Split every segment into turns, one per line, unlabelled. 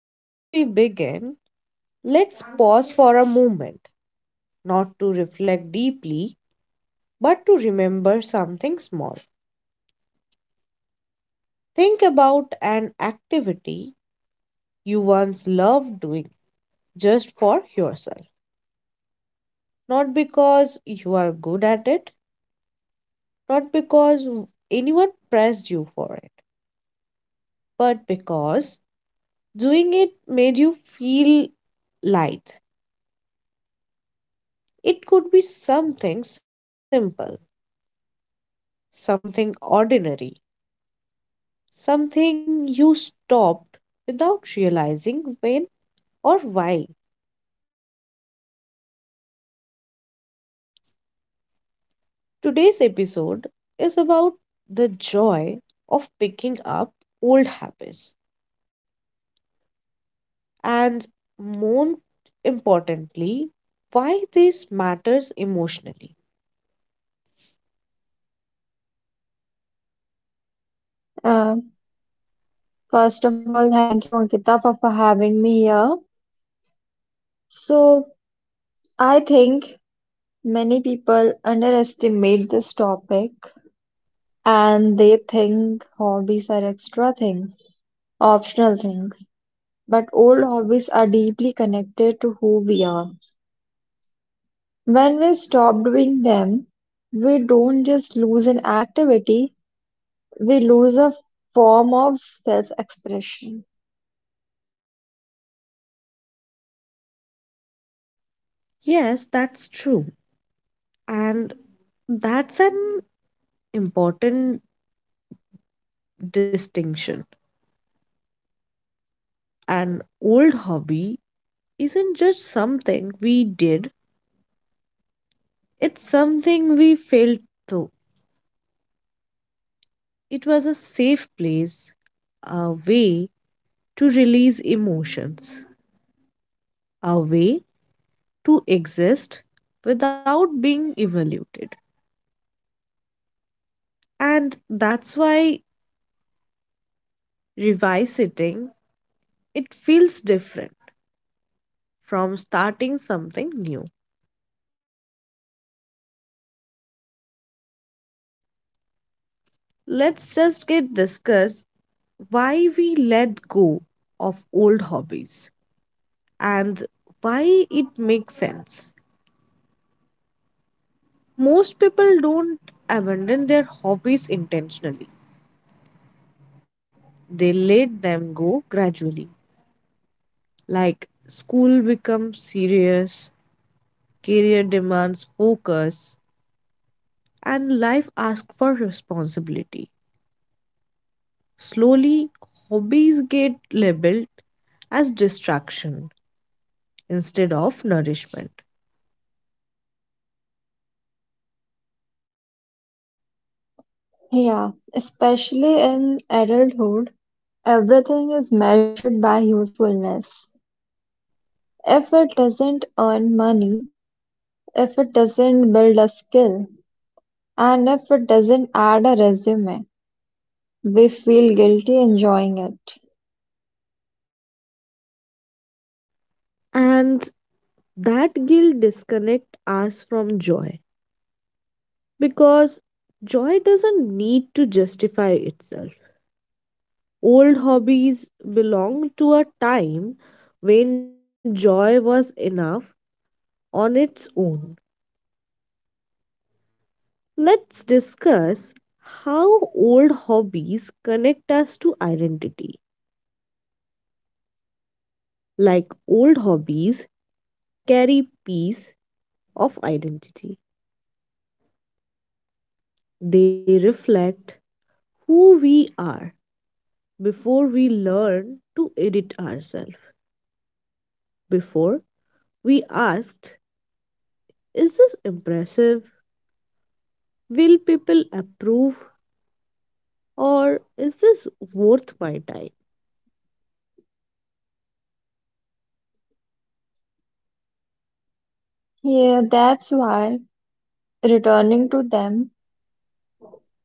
Before we begin, let's pause for a moment, not to reflect deeply, but to remember something small. Think about an activity you once loved doing just for yourself, not because you are good at it, not because anyone pressed you for it, but because doing it made you feel light. It could be something simple, something ordinary, something you stopped without realizing when or why. Today's episode is about the joy of picking up old habits and more importantly, why this matters emotionally.
Uh, First of all, thank you, Ankita, for having me here. So, I think many people underestimate this topic, and they think hobbies are extra things, optional things. But old hobbies are deeply connected to who we are. When we stop doing them, we don't just lose an activity, we lose a form of self-expression.
Yes, that's true. And that's an important distinction. An old hobby isn't just something we did, it's something we felt through. It was a safe place, a way to release emotions, a way to exist without being evaluated. And that's why revisiting it feels different from starting something new. Let's just get discuss why we let go of old hobbies and why it makes sense. Most people don't abandon their hobbies intentionally. They let them go gradually. Like school becomes serious, career demands focus, and life asks for responsibility. Slowly, hobbies get labeled as distraction instead of nourishment.
Yeah, especially in adulthood, everything is measured by usefulness. If it doesn't earn money, if it doesn't build a skill, and if it doesn't add a resume, we feel guilty enjoying it.
And that guilt disconnect us from joy because joy doesn't need to justify itself. Old hobbies belong to a time when joy was enough on its own. Let's discuss how old hobbies connect us to identity. Like old hobbies carry piece of identity. They reflect who we are before we learn to edit ourselves. Before we asked, is this impressive? Will people approve? Or is this worth my time?
Yeah, that's why returning to them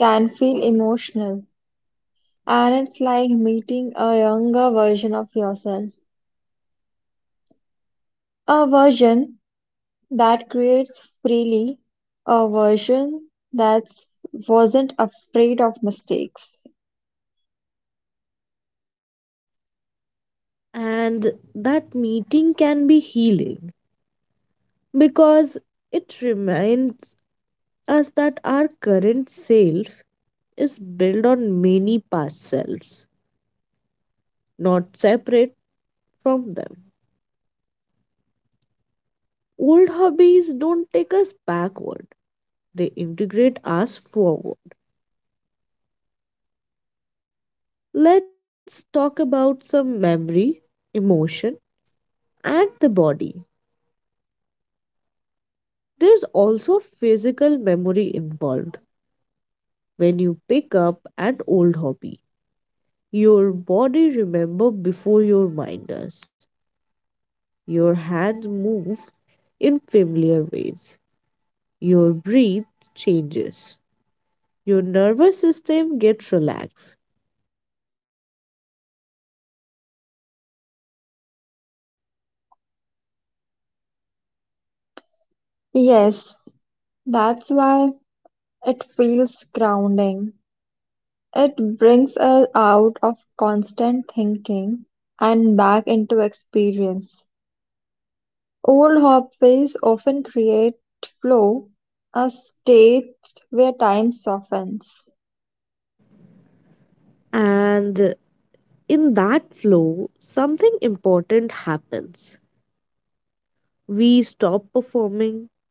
can feel emotional. And it's like meeting a younger version of yourself. A version that creates freely, a version that wasn't afraid of mistakes.
And that meeting can be healing because it reminds us that our current self is built on many past selves, not separate from them. Old hobbies don't take us backward, they integrate us forward. Let's talk about some memory, emotion, and the body. There's also physical memory involved when you pick up an old hobby. Your body remembers before your mind does. Your hands move in familiar ways. Your breath changes. Your nervous system gets relaxed.
Yes, that's why it feels grounding. It brings us out of constant thinking and back into experience. Old hopways often create flow, a state where time softens.
And in that flow, something important happens. We stop performing,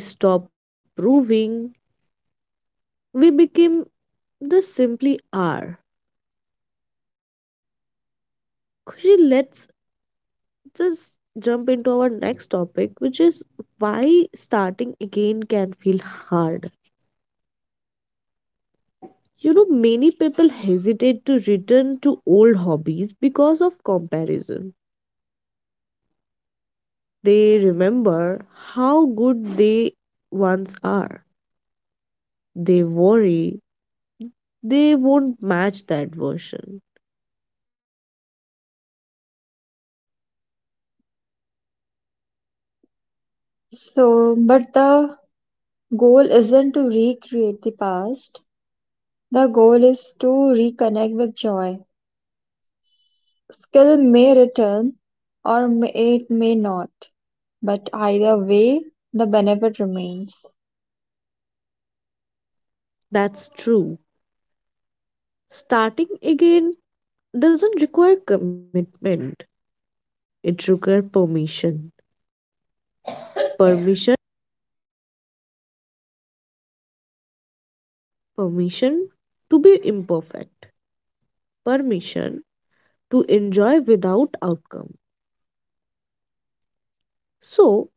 we stop proving, we become the simply are. Khushi, let us jump into our next topic, which is why starting again can feel hard. You know, many people hesitate to return to old hobbies because of comparison. They remember how good they once are. They worry they won't match that version.
So, but the goal isn't to recreate the past. The goal is to reconnect with joy. Skill may return or it may not, but either way, the benefit remains.
That's true. Starting again doesn't require commitment. It requires permission. Permission permission to be imperfect. Permission to enjoy without outcome. So,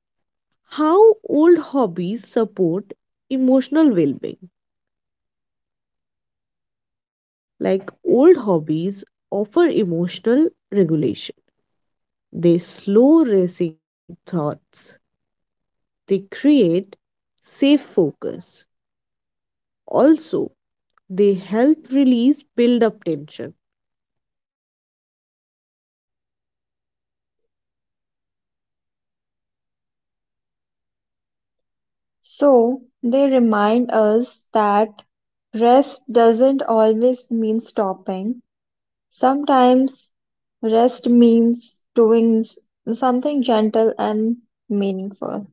how old hobbies support emotional well being? Like old hobbies offer emotional regulation, they slow racing thoughts, they create safe focus. Also, they help release build up tension.
So, they remind us that rest doesn't always mean stopping. Sometimes rest means doing something gentle and meaningful.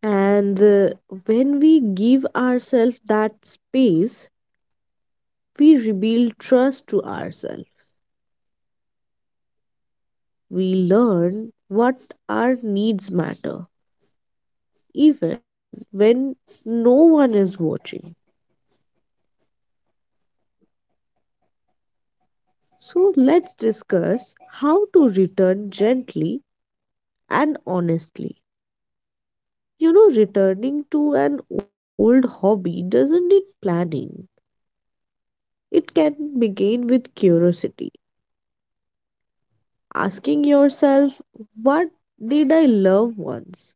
And when we give ourselves that space, we rebuild trust to ourselves we learn what our needs matter, even when no one is watching. So, let's discuss how to return gently and honestly. You know, returning to an old hobby doesn't need planning, it can begin with curiosity, asking yourself, what did I love once?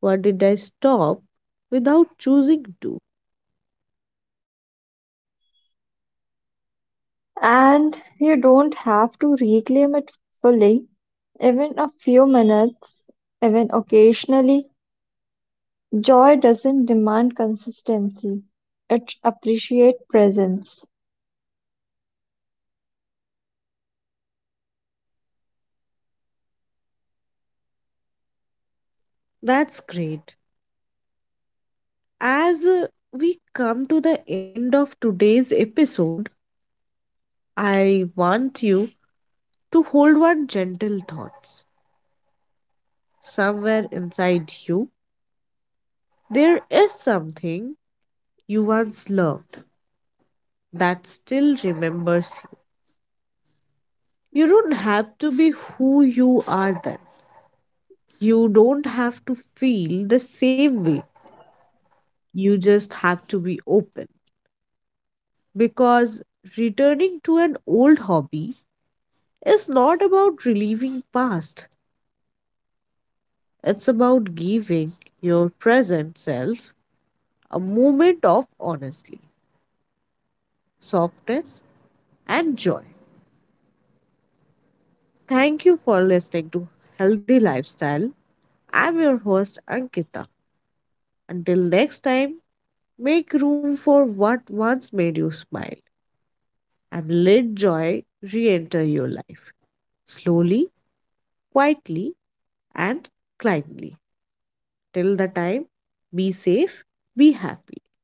What did I stop without choosing to?
And you don't have to reclaim it fully. Even a few minutes, even occasionally, joy doesn't demand consistency. It appreciates presence.
That's great. As we come to the end of today's episode, I want you to hold one gentle thoughts. Somewhere inside you, there is something you once loved that still remembers you. You don't have to be who you are then. You don't have to feel the same way. You just have to be open. Because returning to an old hobby is not about relieving past. It's about giving your present self a moment of honesty, softness, and joy. Thank you for listening to Healthy Lifestyle. I'm your host, Ankita. Until next time, make room for what once made you smile and let joy re enter your life slowly, quietly, and kindly. Till the time, be safe, be happy.